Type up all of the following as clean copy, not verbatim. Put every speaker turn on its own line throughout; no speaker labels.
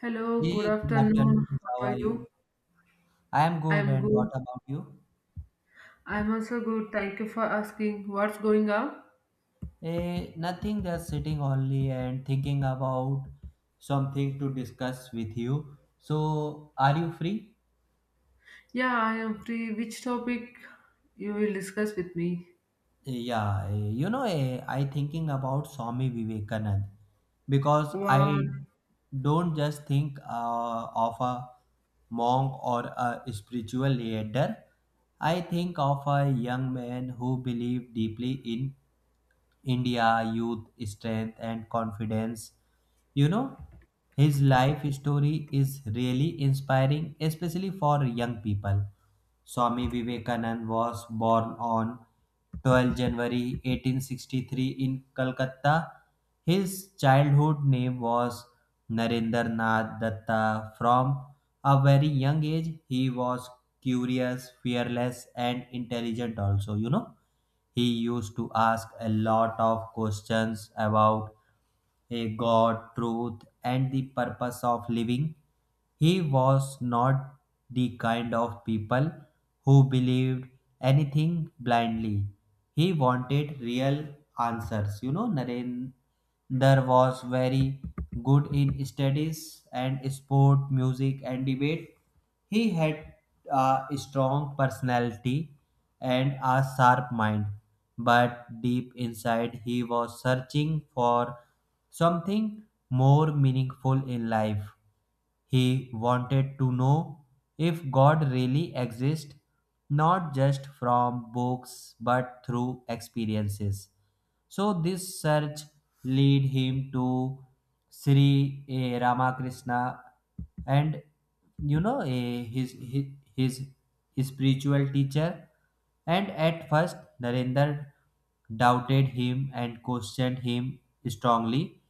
Hello, good
Hey, good
afternoon.
afternoon. How
How are
are
you?
you? I am good,
I'm
and what
good.
about you?
I'm also good. Thank you for asking. What's going on?
Nothing, just sitting only and thinking about something to discuss with you. So, are you free?
Yeah, I am free. Which topic you will discuss with me?
Yeah, I thinking about Swami Vivekanand because
What?
I don't just think of a monk or a spiritual leader. I think of a young man who believed deeply in India, youth, strength, and confidence. You know, his life story is really inspiring, especially for young people. Swami Vivekanand was born on 12 January 1863 in Calcutta. His childhood name was Narendra Nath Datta. From a very young age, he was curious, fearless, and intelligent, also, you know he used to ask a lot of questions about a God, truth, and the purpose of living. He was not the kind of people who believed anything blindly. He wanted real answers. You know, Narendra was very good in studies and sport, music, and debate. He had a strong personality and a sharp mind, but deep inside he was searching for something more meaningful in life. He wanted to know if God really exists, not just from books but through experiences. So this search lead him to Sri Ramakrishna and you know eh, his, his his his spiritual teacher. And at first Narendra doubted him and questioned him strongly,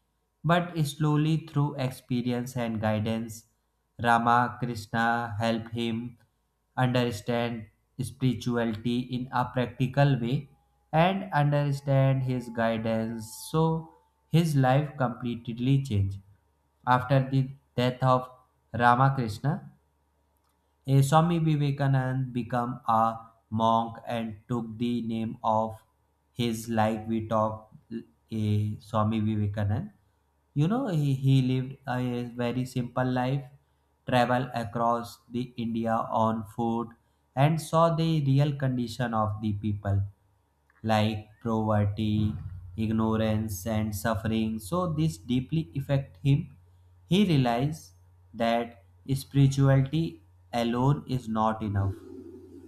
but slowly through experience and guidance Ramakrishna helped him understand spirituality in a practical way and understand his guidance. So his life completely changed after the death of Ramakrishna. A Swami Vivekanand became a monk and took the name of his, like we talk, a Swami Vivekanand. You know, he lived a very simple life, traveled across the India on foot and saw the real condition of the people like poverty, ignorance, and suffering. So this deeply affect him. He realized that spirituality alone is not enough.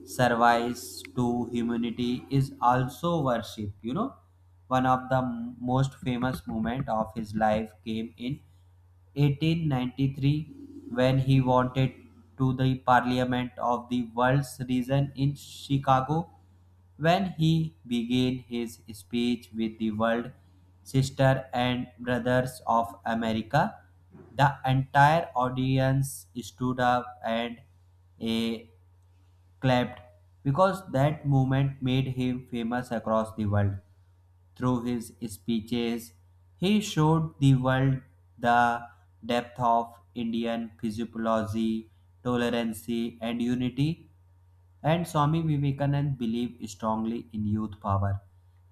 Service to humanity is also worship. You know, one of the most famous moment of his life came in 1893 when he wanted to the Parliament of the World's Region in Chicago, when he began his speech with the word sister and brothers of America. The entire audience stood up and eh, clapped because that moment made him famous across the world. Through his speeches, he showed the world the depth of Indian physiology, tolerance, and unity. And Swami Vivekananda believed strongly in youth power.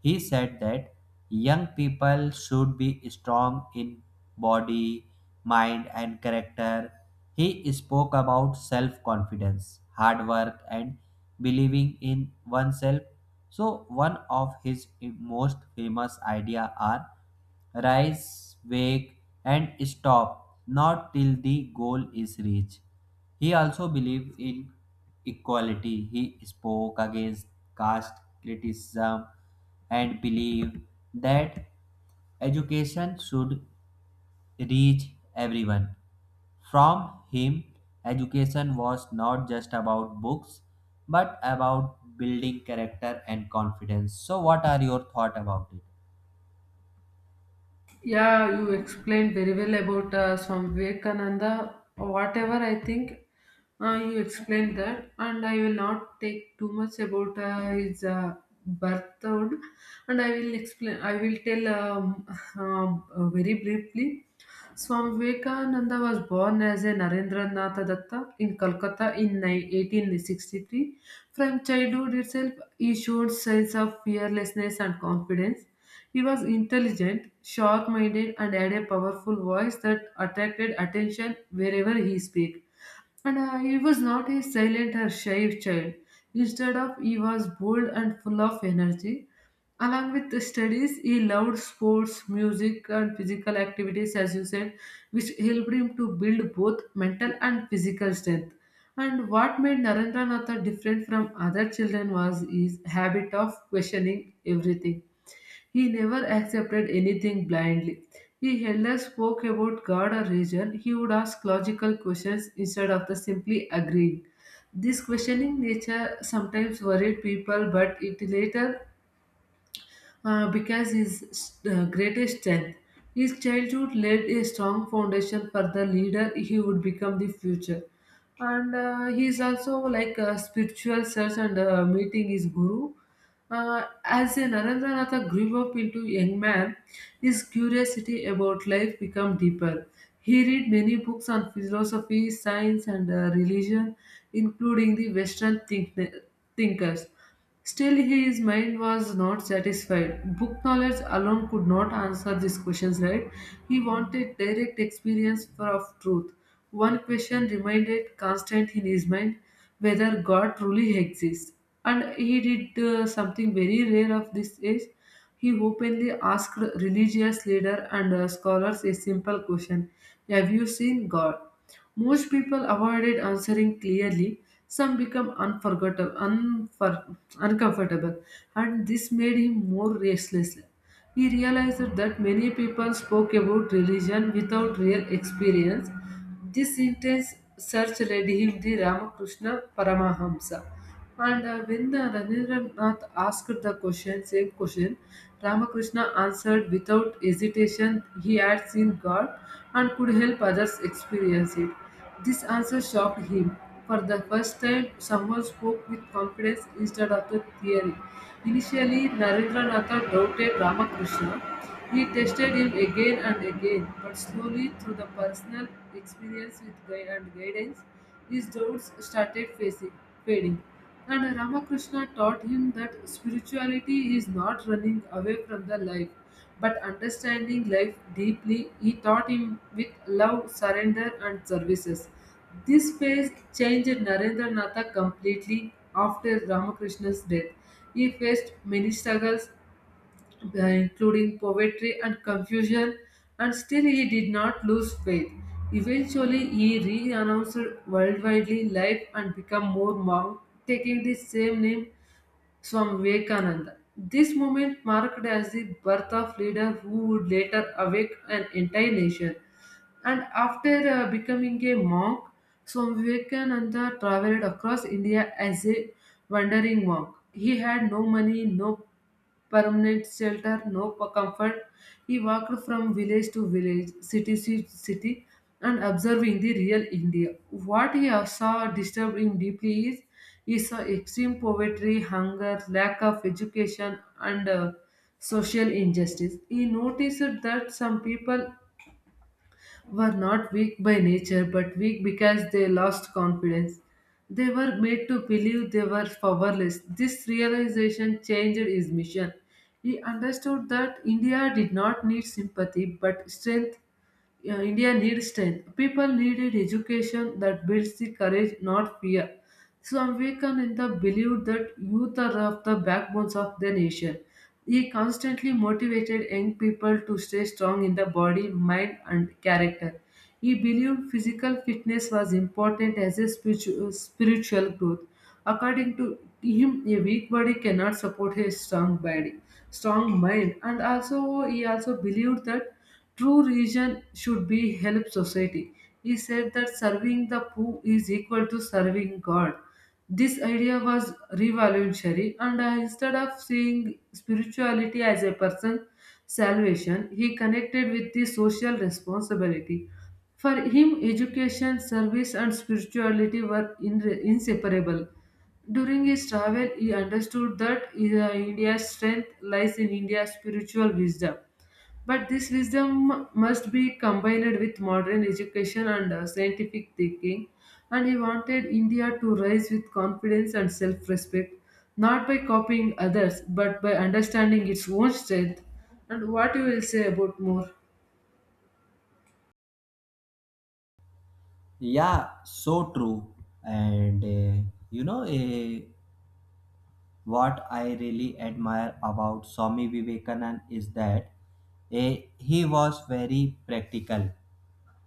He said that young people should be strong in body, mind, and character. He spoke about self confidence, hard work, and believing in oneself. So, one of his most famous ideas are rise, wake, and stop, not till the goal is reached. He also believed in equality. He spoke against caste criticism and believed that education should reach everyone. From him, education was not just about books but about building character and confidence. So, what are your thoughts about it?
Yeah, you explained very well about Swami Vivekananda. Whatever I think, you explained that, and I will not take too much about his birthhood, and I will explain. I will tell very briefly. Swami Vivekananda was born as a Narendranath Datta in Calcutta in 1863. From childhood itself, he showed signs of fearlessness and confidence. He was intelligent, sharp minded, and had a powerful voice that attracted attention wherever he spoke. And he was not a silent or shy child. Instead of, he was bold and full of energy. Along with the studies, he loved sports, music, and physical activities, as you said, which helped him to build both mental and physical strength. And what made Narendranath different from other children was his habit of questioning everything. He never accepted anything blindly. He held spoke about God or religion. He would ask logical questions instead of the simply agreeing. This questioning nature sometimes worried people, but it later because his greatest strength. His childhood laid a strong foundation for the leader he would become the future. And he is also like a spiritual search and meeting his guru. As a Narendranath grew up into young man, his curiosity about life became deeper. He read many books on philosophy, science, and religion, including the thinkers. Still, his mind was not satisfied. Book knowledge alone could not answer these questions, right? He wanted direct of truth. One question remained constant in his mind whether God truly exists. And he did something very rare of this age. He openly asked religious leaders and scholars a simple question: Have you seen God? Most people avoided answering clearly. Some become uncomfortable, and this made him more restless. He realized that many people spoke about religion without real experience. This intense search led him to Ramakrishna Paramahamsa. And when Rabindranath asked the question, same question, Ramakrishna answered without hesitation he had seen God and could help others experience it. This answer shocked him. For the first time, someone spoke with confidence instead of the theory. Initially, Narendranath doubted Ramakrishna. He tested him again and again, but slowly, through the personal experience with guide and guidance, his doubts started fading. And Ramakrishna taught him that spirituality is not running away from the life but understanding life deeply, he taught him with love, surrender, and services. This phase changed Narendranath completely after Ramakrishna's death. He faced many struggles, including poverty and confusion, and still he did not lose faith. Eventually, he re-announced worldwide life and became more monk, taking the same name Swami Vivekananda. This moment marked as the birth of leader who would later awake an entire nation. And after becoming a monk, Swami Vivekananda traveled across India as a wandering monk. He had no money, no permanent shelter, no p- comfort. He walked from village to village, city to city, and observing the real India. What he saw disturbed him deeply is he saw extreme poverty, hunger, lack of education, and social injustice. He noticed that some people were not weak by nature but weak because they lost confidence. They were made to believe they were powerless. This realization changed his mission. He understood that India did not need sympathy but strength, yeah, India needs strength. People needed education that builds the courage, not fear. Swami Vivekananda believed that youth are of the backbones of the nation. He constantly motivated young people to stay strong in the body, mind, and character. He believed physical fitness was important as a spiritual growth. According to him, a weak body cannot support a strong body, strong mind, and also he also believed that. True religion should be help society. He said that serving the poor is equal to serving God. This idea was revolutionary, and instead of seeing spirituality as a person's salvation, he connected with the social responsibility. For him, education, service, and spirituality were inseparable. During his travel, he understood that India's strength lies in India's spiritual wisdom. But this wisdom must be combined with modern education and scientific thinking. And he wanted India to rise with confidence and self respect, not by copying others, but by understanding its own strength. And what you will say about more?
Yeah, so true. And you know, what I really admire about Swami Vivekanand is that he was very practical,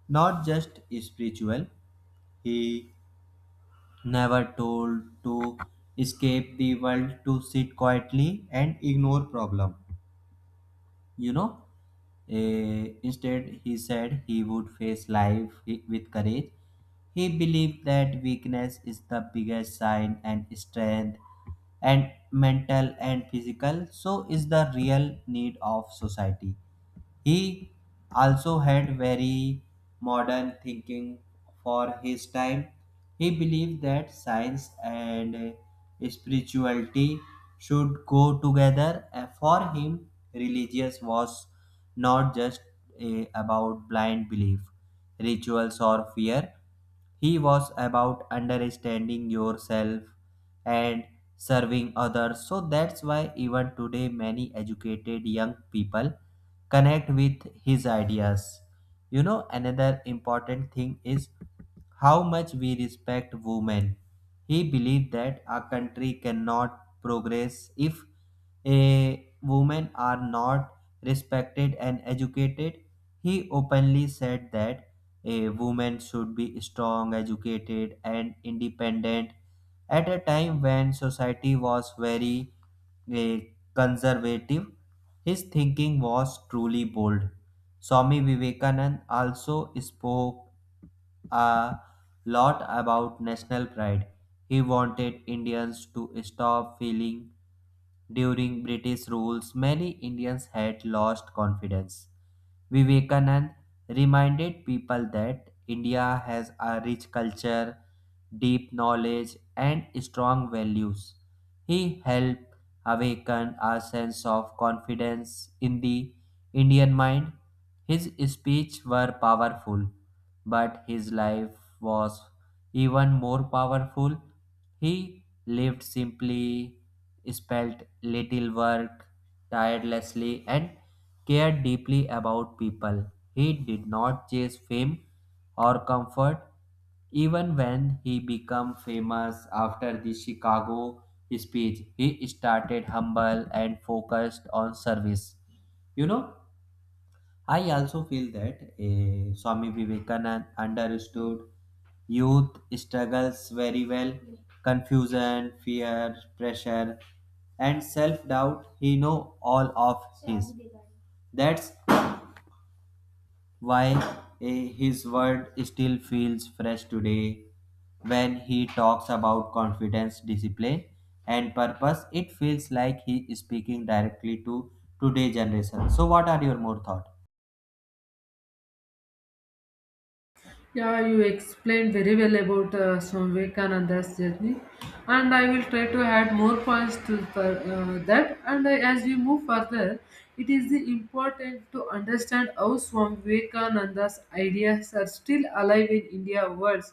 not just spiritual. He never told to escape the world to sit quietly and ignore problem, you know. Instead he said he would face life with courage. He believed that weakness is the biggest sign and strength and mental and physical so is the real need of society. He also had very modern thinking for his time. He believed that science and spirituality should go together. And for him, religious was not just about blind belief, rituals, or fear. He was about understanding yourself and serving others. So that's why even today many educated young people connect with his ideas. You know, another important thing is how much we respect women. He believed that a country cannot progress if a women are not respected and educated. He openly said that a woman should be strong, educated, and independent. At a time when society was very a conservative, his thinking was truly bold. Swami Vivekanand also spoke a lot about national pride. He wanted Indians to stop feeling during British rules many Indians had lost confidence. Vivekanand reminded people that India has a rich culture, deep knowledge, and strong values. He helped awaken a sense of confidence in the Indian mind. His speeches were powerful, but his life was even more powerful. He lived simply, spent little work tirelessly, and cared deeply about people. He did not chase fame or comfort. Even when he became famous after the Chicago speech, he started humble and focused on service. You know, I also feel that Swami Vivekananda understood youth struggles very well: confusion, fear, pressure, and self doubt. He know all of his. That's why his word still feels fresh today when he talks about confidence, discipline, and purpose. It feels like he is speaking directly to today's generation. So, what are your more thoughts?
Yeah, you explained very well about Swami Vivekananda's journey, and I will try to add more points to that. And I, as we move further, it is important to understand how Swami Vivekananda's ideas are still alive in India worlds,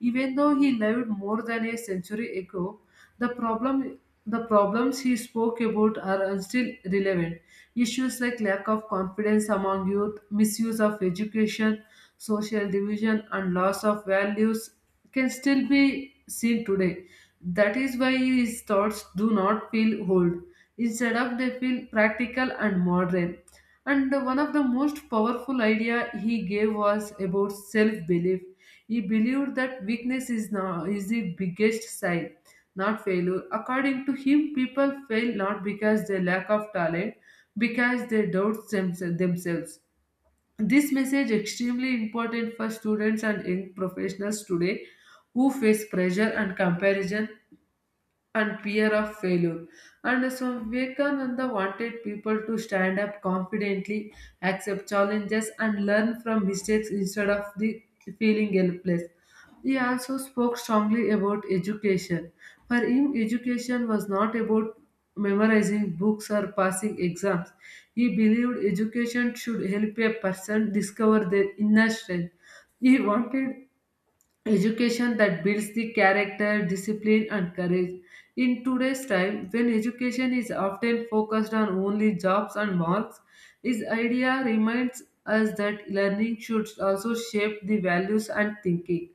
even though he lived more than a century ago. The problem the problems he spoke about are still relevant. Issues like lack of confidence among youth, misuse of education, social division, and loss of values can still be seen today. That is why his thoughts do not feel old. Instead of they feel practical and modern. And one of the most powerful idea he gave was about self-belief. He believed that weakness is now is the biggest sign, not failure. According to him, people fail not because they lack of talent, because they themselves. This message extremely important for students and young professionals today who face pressure and comparison and fear of failure. And so Vivekananda wanted people to stand up confidently, accept challenges, and learn from mistakes instead of the feeling helpless. He also spoke strongly about education. For him, education was not about memorizing books or passing exams. He believed education should help a person discover their inner strength. He wanted education that builds the character, discipline, and courage. In today's time, when education is often focused on only jobs and marks, this idea reminds us that learning should also shape the values and thinking.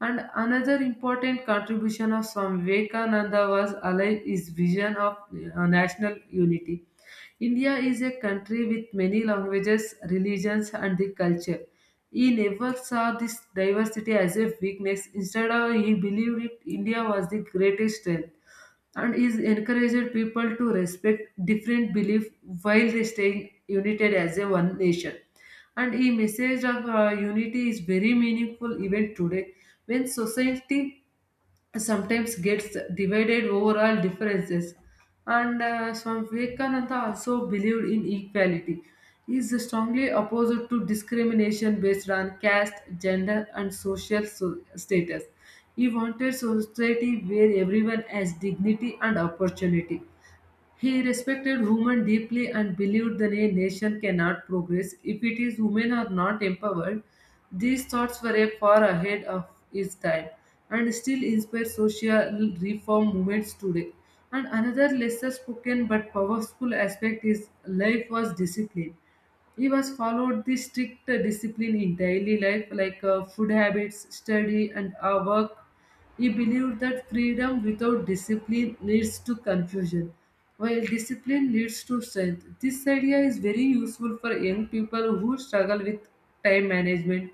And another important contribution of Swami Vivekananda was alive his vision of national unity. India is a country with many languages, religions, and the culture. He never saw this diversity as a weakness. Instead, of, he believed it India was the greatest strength and is encouraged people to respect different beliefs while they staying united as a one nation. And a message of unity is very meaningful even today when society sometimes gets divided over all differences and Swami Vivekananda also believed in equality. He is strongly opposed to discrimination based on caste, gender and status. He wanted society where everyone has dignity and opportunity. He respected women deeply and believed that a nation cannot progress if it is women are not empowered. These thoughts were far ahead of his time and still inspire social reform movements today. And another lesser spoken but powerful aspect is life was discipline. He was followed the strict discipline in daily life, like food habits, study, and work. He believed that freedom without discipline leads to confusion, while discipline leads to strength. This idea is very useful for young people who struggle with time management,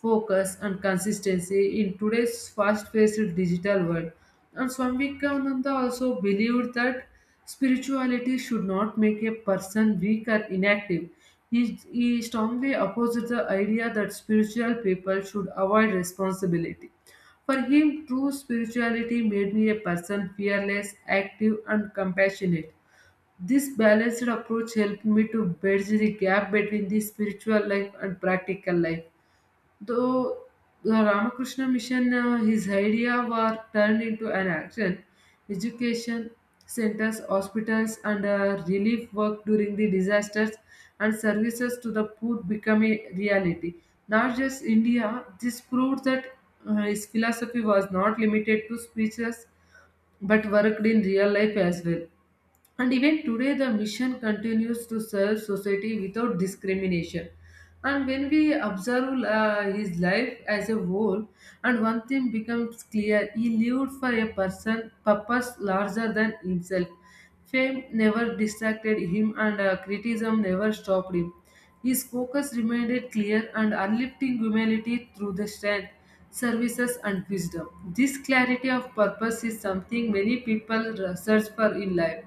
focus, and consistency in today's fast paced digital world. And Swami Vivekananda also believed that spirituality should not make a person weak or inactive. He strongly opposed the idea that spiritual people should avoid responsibility. For him, true spirituality made me a person fearless, active, and compassionate. This balanced approach helped me to bridge the gap between the spiritual life and practical life. Though the Ramakrishna Mission, his ideas were turned into an action. Education centers, hospitals, and relief work during the disasters and services to the poor become a reality. Not just India, this proved that his philosophy was not limited to speeches but worked in real life as well. And even today, the mission continues to serve society without discrimination. And when we observe his life as a whole, and one thing becomes clear he lived for a person purpose larger than himself. Fame never distracted him, and criticism never stopped him. His focus remained clear and uplifting humanity through the strength, services, and wisdom. This clarity of purpose is something many people search for in life.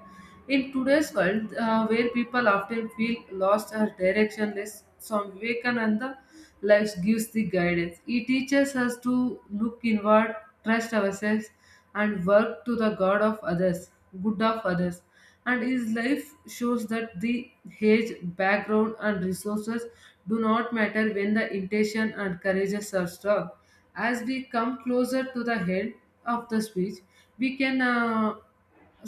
In today's world, where people often feel lost or directionless, Swami Vivekananda life gives the guidance. He teaches us to look inward, trust ourselves, and work to the good of others. And his life shows that the age, background, and resources do not matter when the intention and courageous are strong. As we come closer to the end of the speech, we can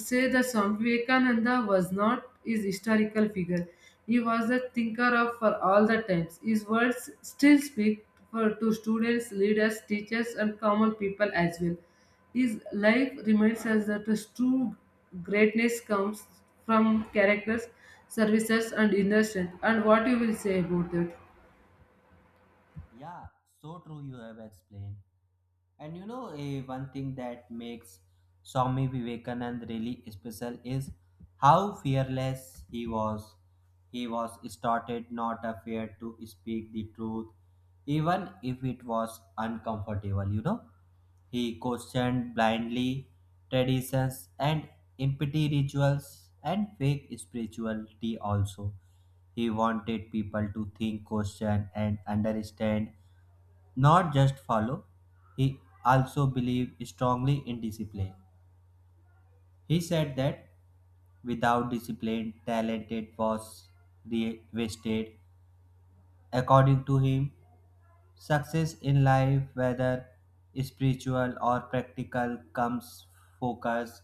say that Swami Vivekananda was not his historical figure. He was a thinker of for all the times. His words still speak for to students, leaders, teachers, and common people as well. His life reminds us that his true greatness comes from characters, services, and inner strength. And what you will say about that?
Yeah, so true you have explained. And you know, one thing that makes Swami Vivekanand really special is how fearless he was. He was started not afraid to speak the truth, even if it was uncomfortable, you know. He questioned blindly traditions and empty rituals and fake spirituality also. He wanted people to think, question, and understand, not just follow. He also believed strongly in discipline. He said that without discipline, talent was wasted. According to him, success in life, whether spiritual or practical, comes focus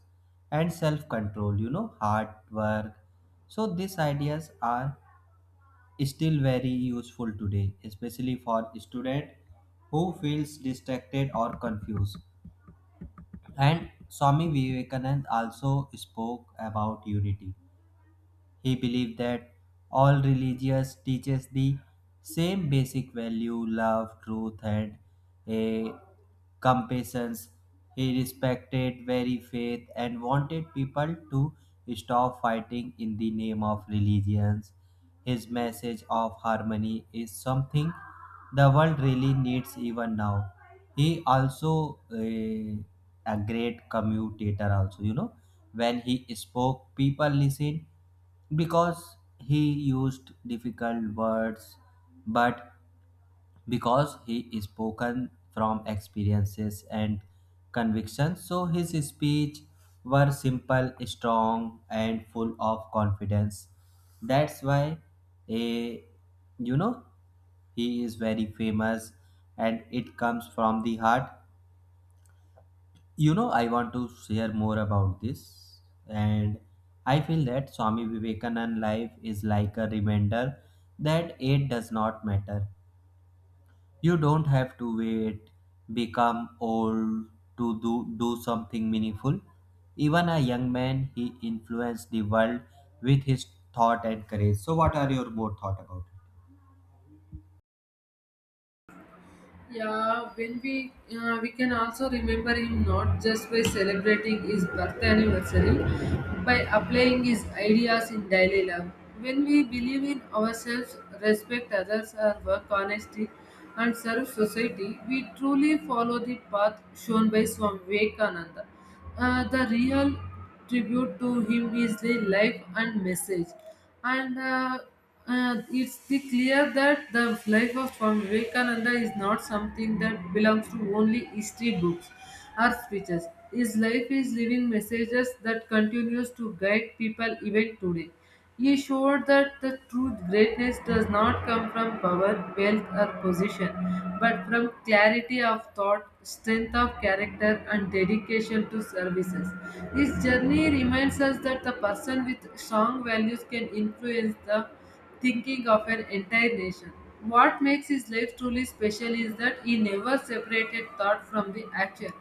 and self control, you know, hard work. So, these ideas are still very useful today, especially for student who feels distracted or confused. And Swami Vivekananda also spoke about unity. He believed that all religious teaches the same basic value, love, truth, and a compassions. He respected very faith and wanted people to stop fighting in the name of religions. His message of harmony is something the world really needs even now. He also a great commutator also, you know. When he spoke, people listened because he used difficult words, but because he spoken from experiences and convictions, so his speech were simple, strong, and full of confidence. That's why, a you know, he is very famous, and it comes from the heart. You know, I want to share more about this, and I feel that Swami Vivekanand life is like a reminder that age does not matter. You don't have to wait, become old to do something meaningful. Even a young man, he influenced the world with his thought and courage. So, what are your more thought about it?
Yeah, when we can also remember him not just by celebrating his birth anniversary, by applying his ideas in daily life. When we believe in ourselves, respect others, our work honestly, and serve society, we truly follow the path shown by Swami Vivekananda. The real tribute to him is the life and message, and it's the clear that the life of Swami Vivekananda is not something that belongs to only history books or speeches. His life is living messages that continues to guide people even today. He showed that the true greatness does not come from power, wealth, or position, but from clarity of thought, strength of character, and dedication to services. His journey reminds us that the person with strong values can influence the thinking of an entire nation. What makes his life truly special is that he never separated thought from the action.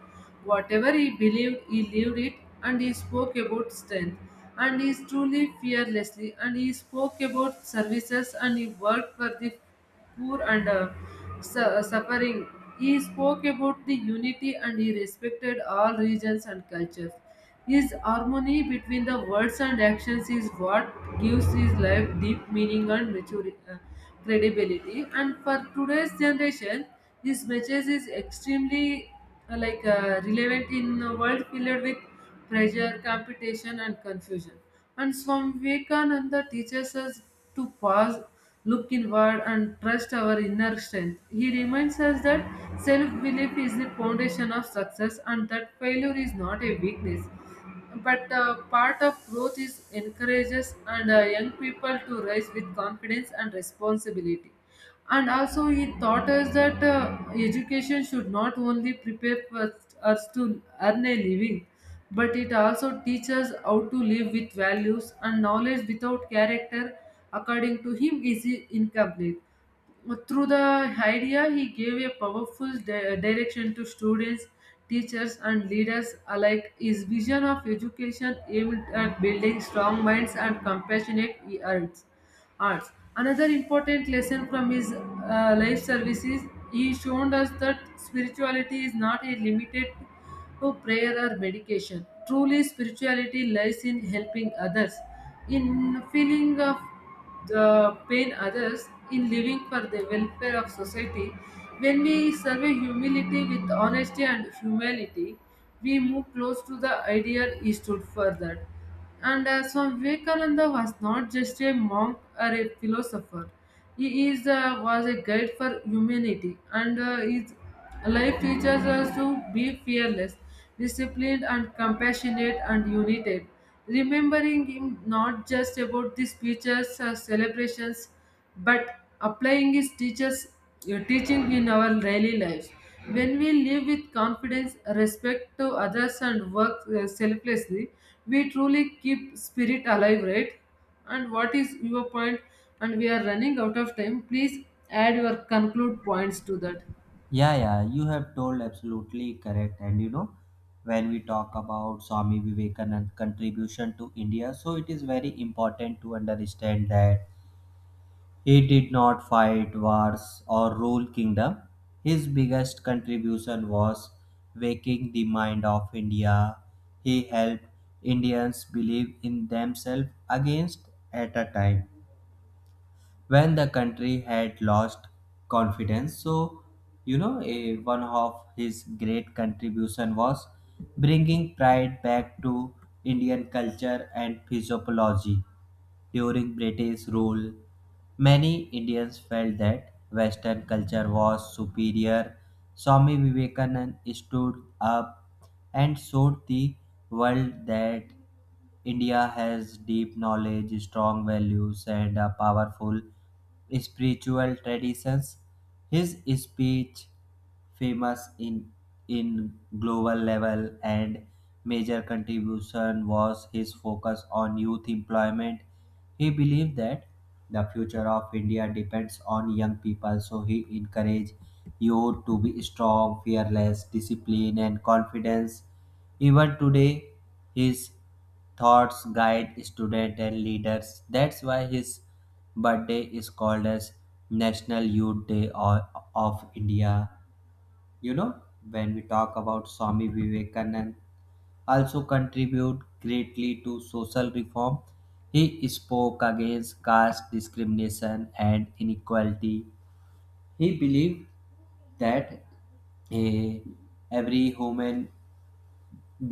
Whatever he believed, he lived it, and he spoke about strength. And he is truly fearlessly, and he spoke about services, and he worked for the poor and suffering. He spoke about the unity, and he respected all regions and cultures. His harmony between the words and actions is what gives his life deep meaning and maturity, credibility. And for today's generation, his message is extremely relevant in a world filled with pressure, competition, and confusion. And Swami Vivekananda teaches us to pause, look inward, and trust our inner strength. He reminds us that self belief is the foundation of success and that failure is not a weakness but part of growth is encourages and young people to rise with confidence and responsibility. And also, he taught us that education should not only prepare for us to earn a living, but it also teaches how to live with values and knowledge without character. According to him, is incomplete. Through the idea, he gave a powerful direction to students, teachers, and leaders alike. His vision of education aimed at building strong minds and compassionate hearts arts. Another important lesson from his life services, he showed us that spirituality is not a limited to prayer or medication. Truly, spirituality lies in helping others, in feeling of the pain others, in living for the welfare of society. When we survey humility with honesty and humility, we move close to the ideal he stood for that. And Swami Vivekananda was not just a monk or a philosopher. He is was a guide for humanity, and his life teaches us to be fearless, disciplined, and compassionate and united. Remembering him not just about the speeches or celebrations, but applying is teachers' teaching in our daily lives when we live with confidence respect to others and work selflessly we truly keep spirit alive right and what is your point? And we are running out of time, please add your conclude points to that.
Yeah, yeah, you have told absolutely correct. And you know, when we talk about Swami Vivekananda's contribution to India, so it is very important to understand that he did not fight wars or rule kingdom. His biggest contribution was waking the mind of India. He helped Indians believe in themselves against at a time when the country had lost confidence. So you know, one of his great contribution was bringing pride back to indian culture and physiology. During British rule, many Indians felt that Western culture was superior. Swami Vivekananda stood up and showed the world that India has deep knowledge, strong values, and a powerful spiritual traditions. His speech famous in global level and major contribution was his focus on youth employment. He believed that the future of india depends on young people, so he encouraged youth to be strong, fearless, disciplined, and confident. Even today his thoughts guide students and leaders. That's why his birthday is called as national youth day or- of india. You know, when we talk about Swami Vivekanand, also contribute greatly to social reform. He spoke against caste discrimination and inequality. He believed that a every human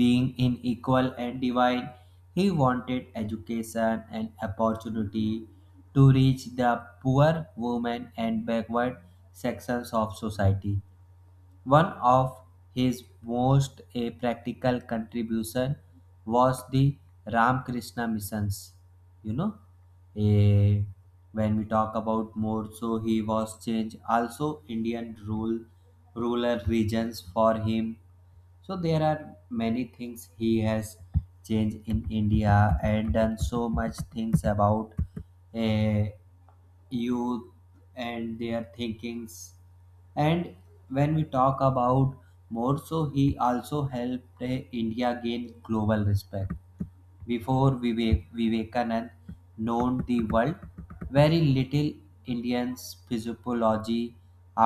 being in equal and divine. He wanted education and opportunity to reach the poor, women, and backward sections of society. One of his most practical contribution was the Ramakrishna missions. You know, Eh, when we talk about more, so he was changed also rural regions for him. So there are many things he has changed in India and done so much things about eh, youth and their thinkings. And when we talk about more, so he also helped india gain global respect. Before Vivekanand known the world, very little Indians physiology.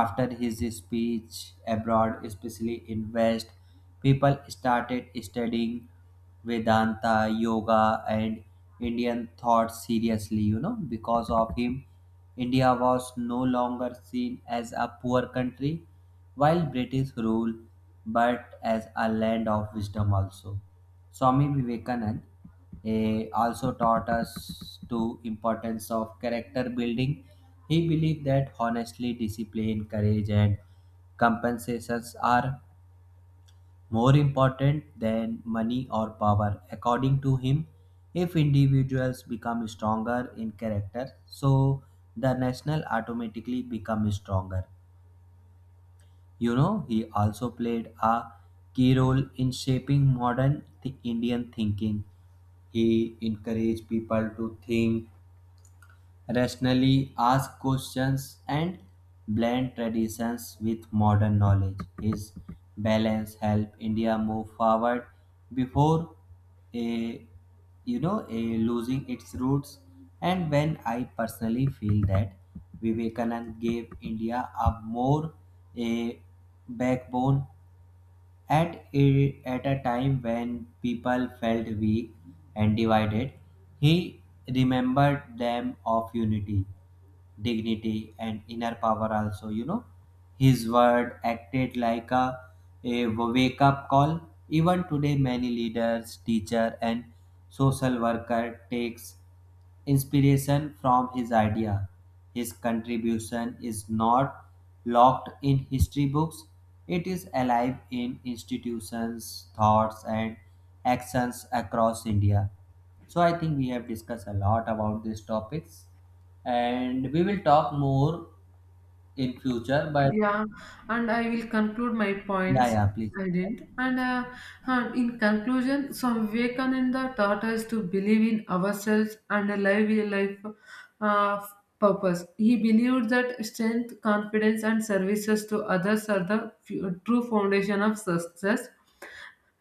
After his speech abroad, especially in West, people started studying Vedanta, yoga, and Indian thought seriously, you know, because of him. India was no longer seen as a poor country while British rule, but as a land of wisdom also. Swami Vivekanand also taught us to importance of character building. He believed that honestly, discipline, courage, and compensations are more important than money or power. According to him, if individuals become stronger in character, so the national automatically becomes stronger. You know, he also played a key role in shaping modern Indian thinking. He encouraged people to think rationally, ask questions and blend traditions with modern knowledge. His balance help India move forward before a you know a losing its roots. And when I personally feel that Vivekanand gave India a more a backbone at at a time when people felt weak and divided, he remembered them of unity, dignity, and inner power also, you know. His word acted like a wake up call. Even today, many leaders, teacher, and social worker takes inspiration from his idea. His contribution is not locked in history books, it is alive in institutions, thoughts, and actions across India. So, I think we have discussed a lot about these topics and we will talk more in future. But
Yeah, and I will conclude my
yeah,
points.
yeah, please.
I didn't. In conclusion, Swami Vivekananda taught us to believe in ourselves and live a life uh, of purpose. He believed that strength, confidence, and services to others are the true foundation of success,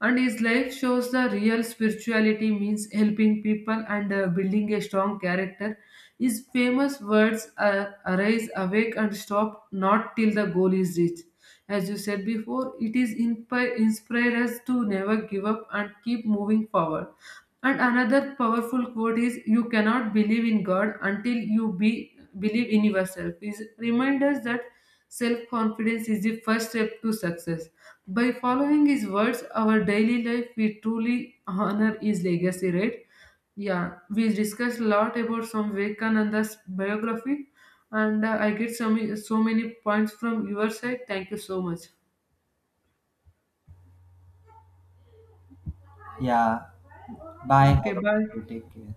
and his life shows the real spirituality means helping people and building a strong character. His famous words are arise awake and stop not till the goal is reached. As you said before, it is inspire us to never give up and keep moving forward. And another powerful quote is you cannot believe in god until you be believe in yourself is remind us that self confidence is the first step to success. By following his words, our daily life we truly honor his legacy, right? Yeah, we discussed a lot about some Vivekananda's biography, and I get some so many points from your side. Thank you so much.
Yeah, bye.
Okay,
Have a
bye.
good day. Take care.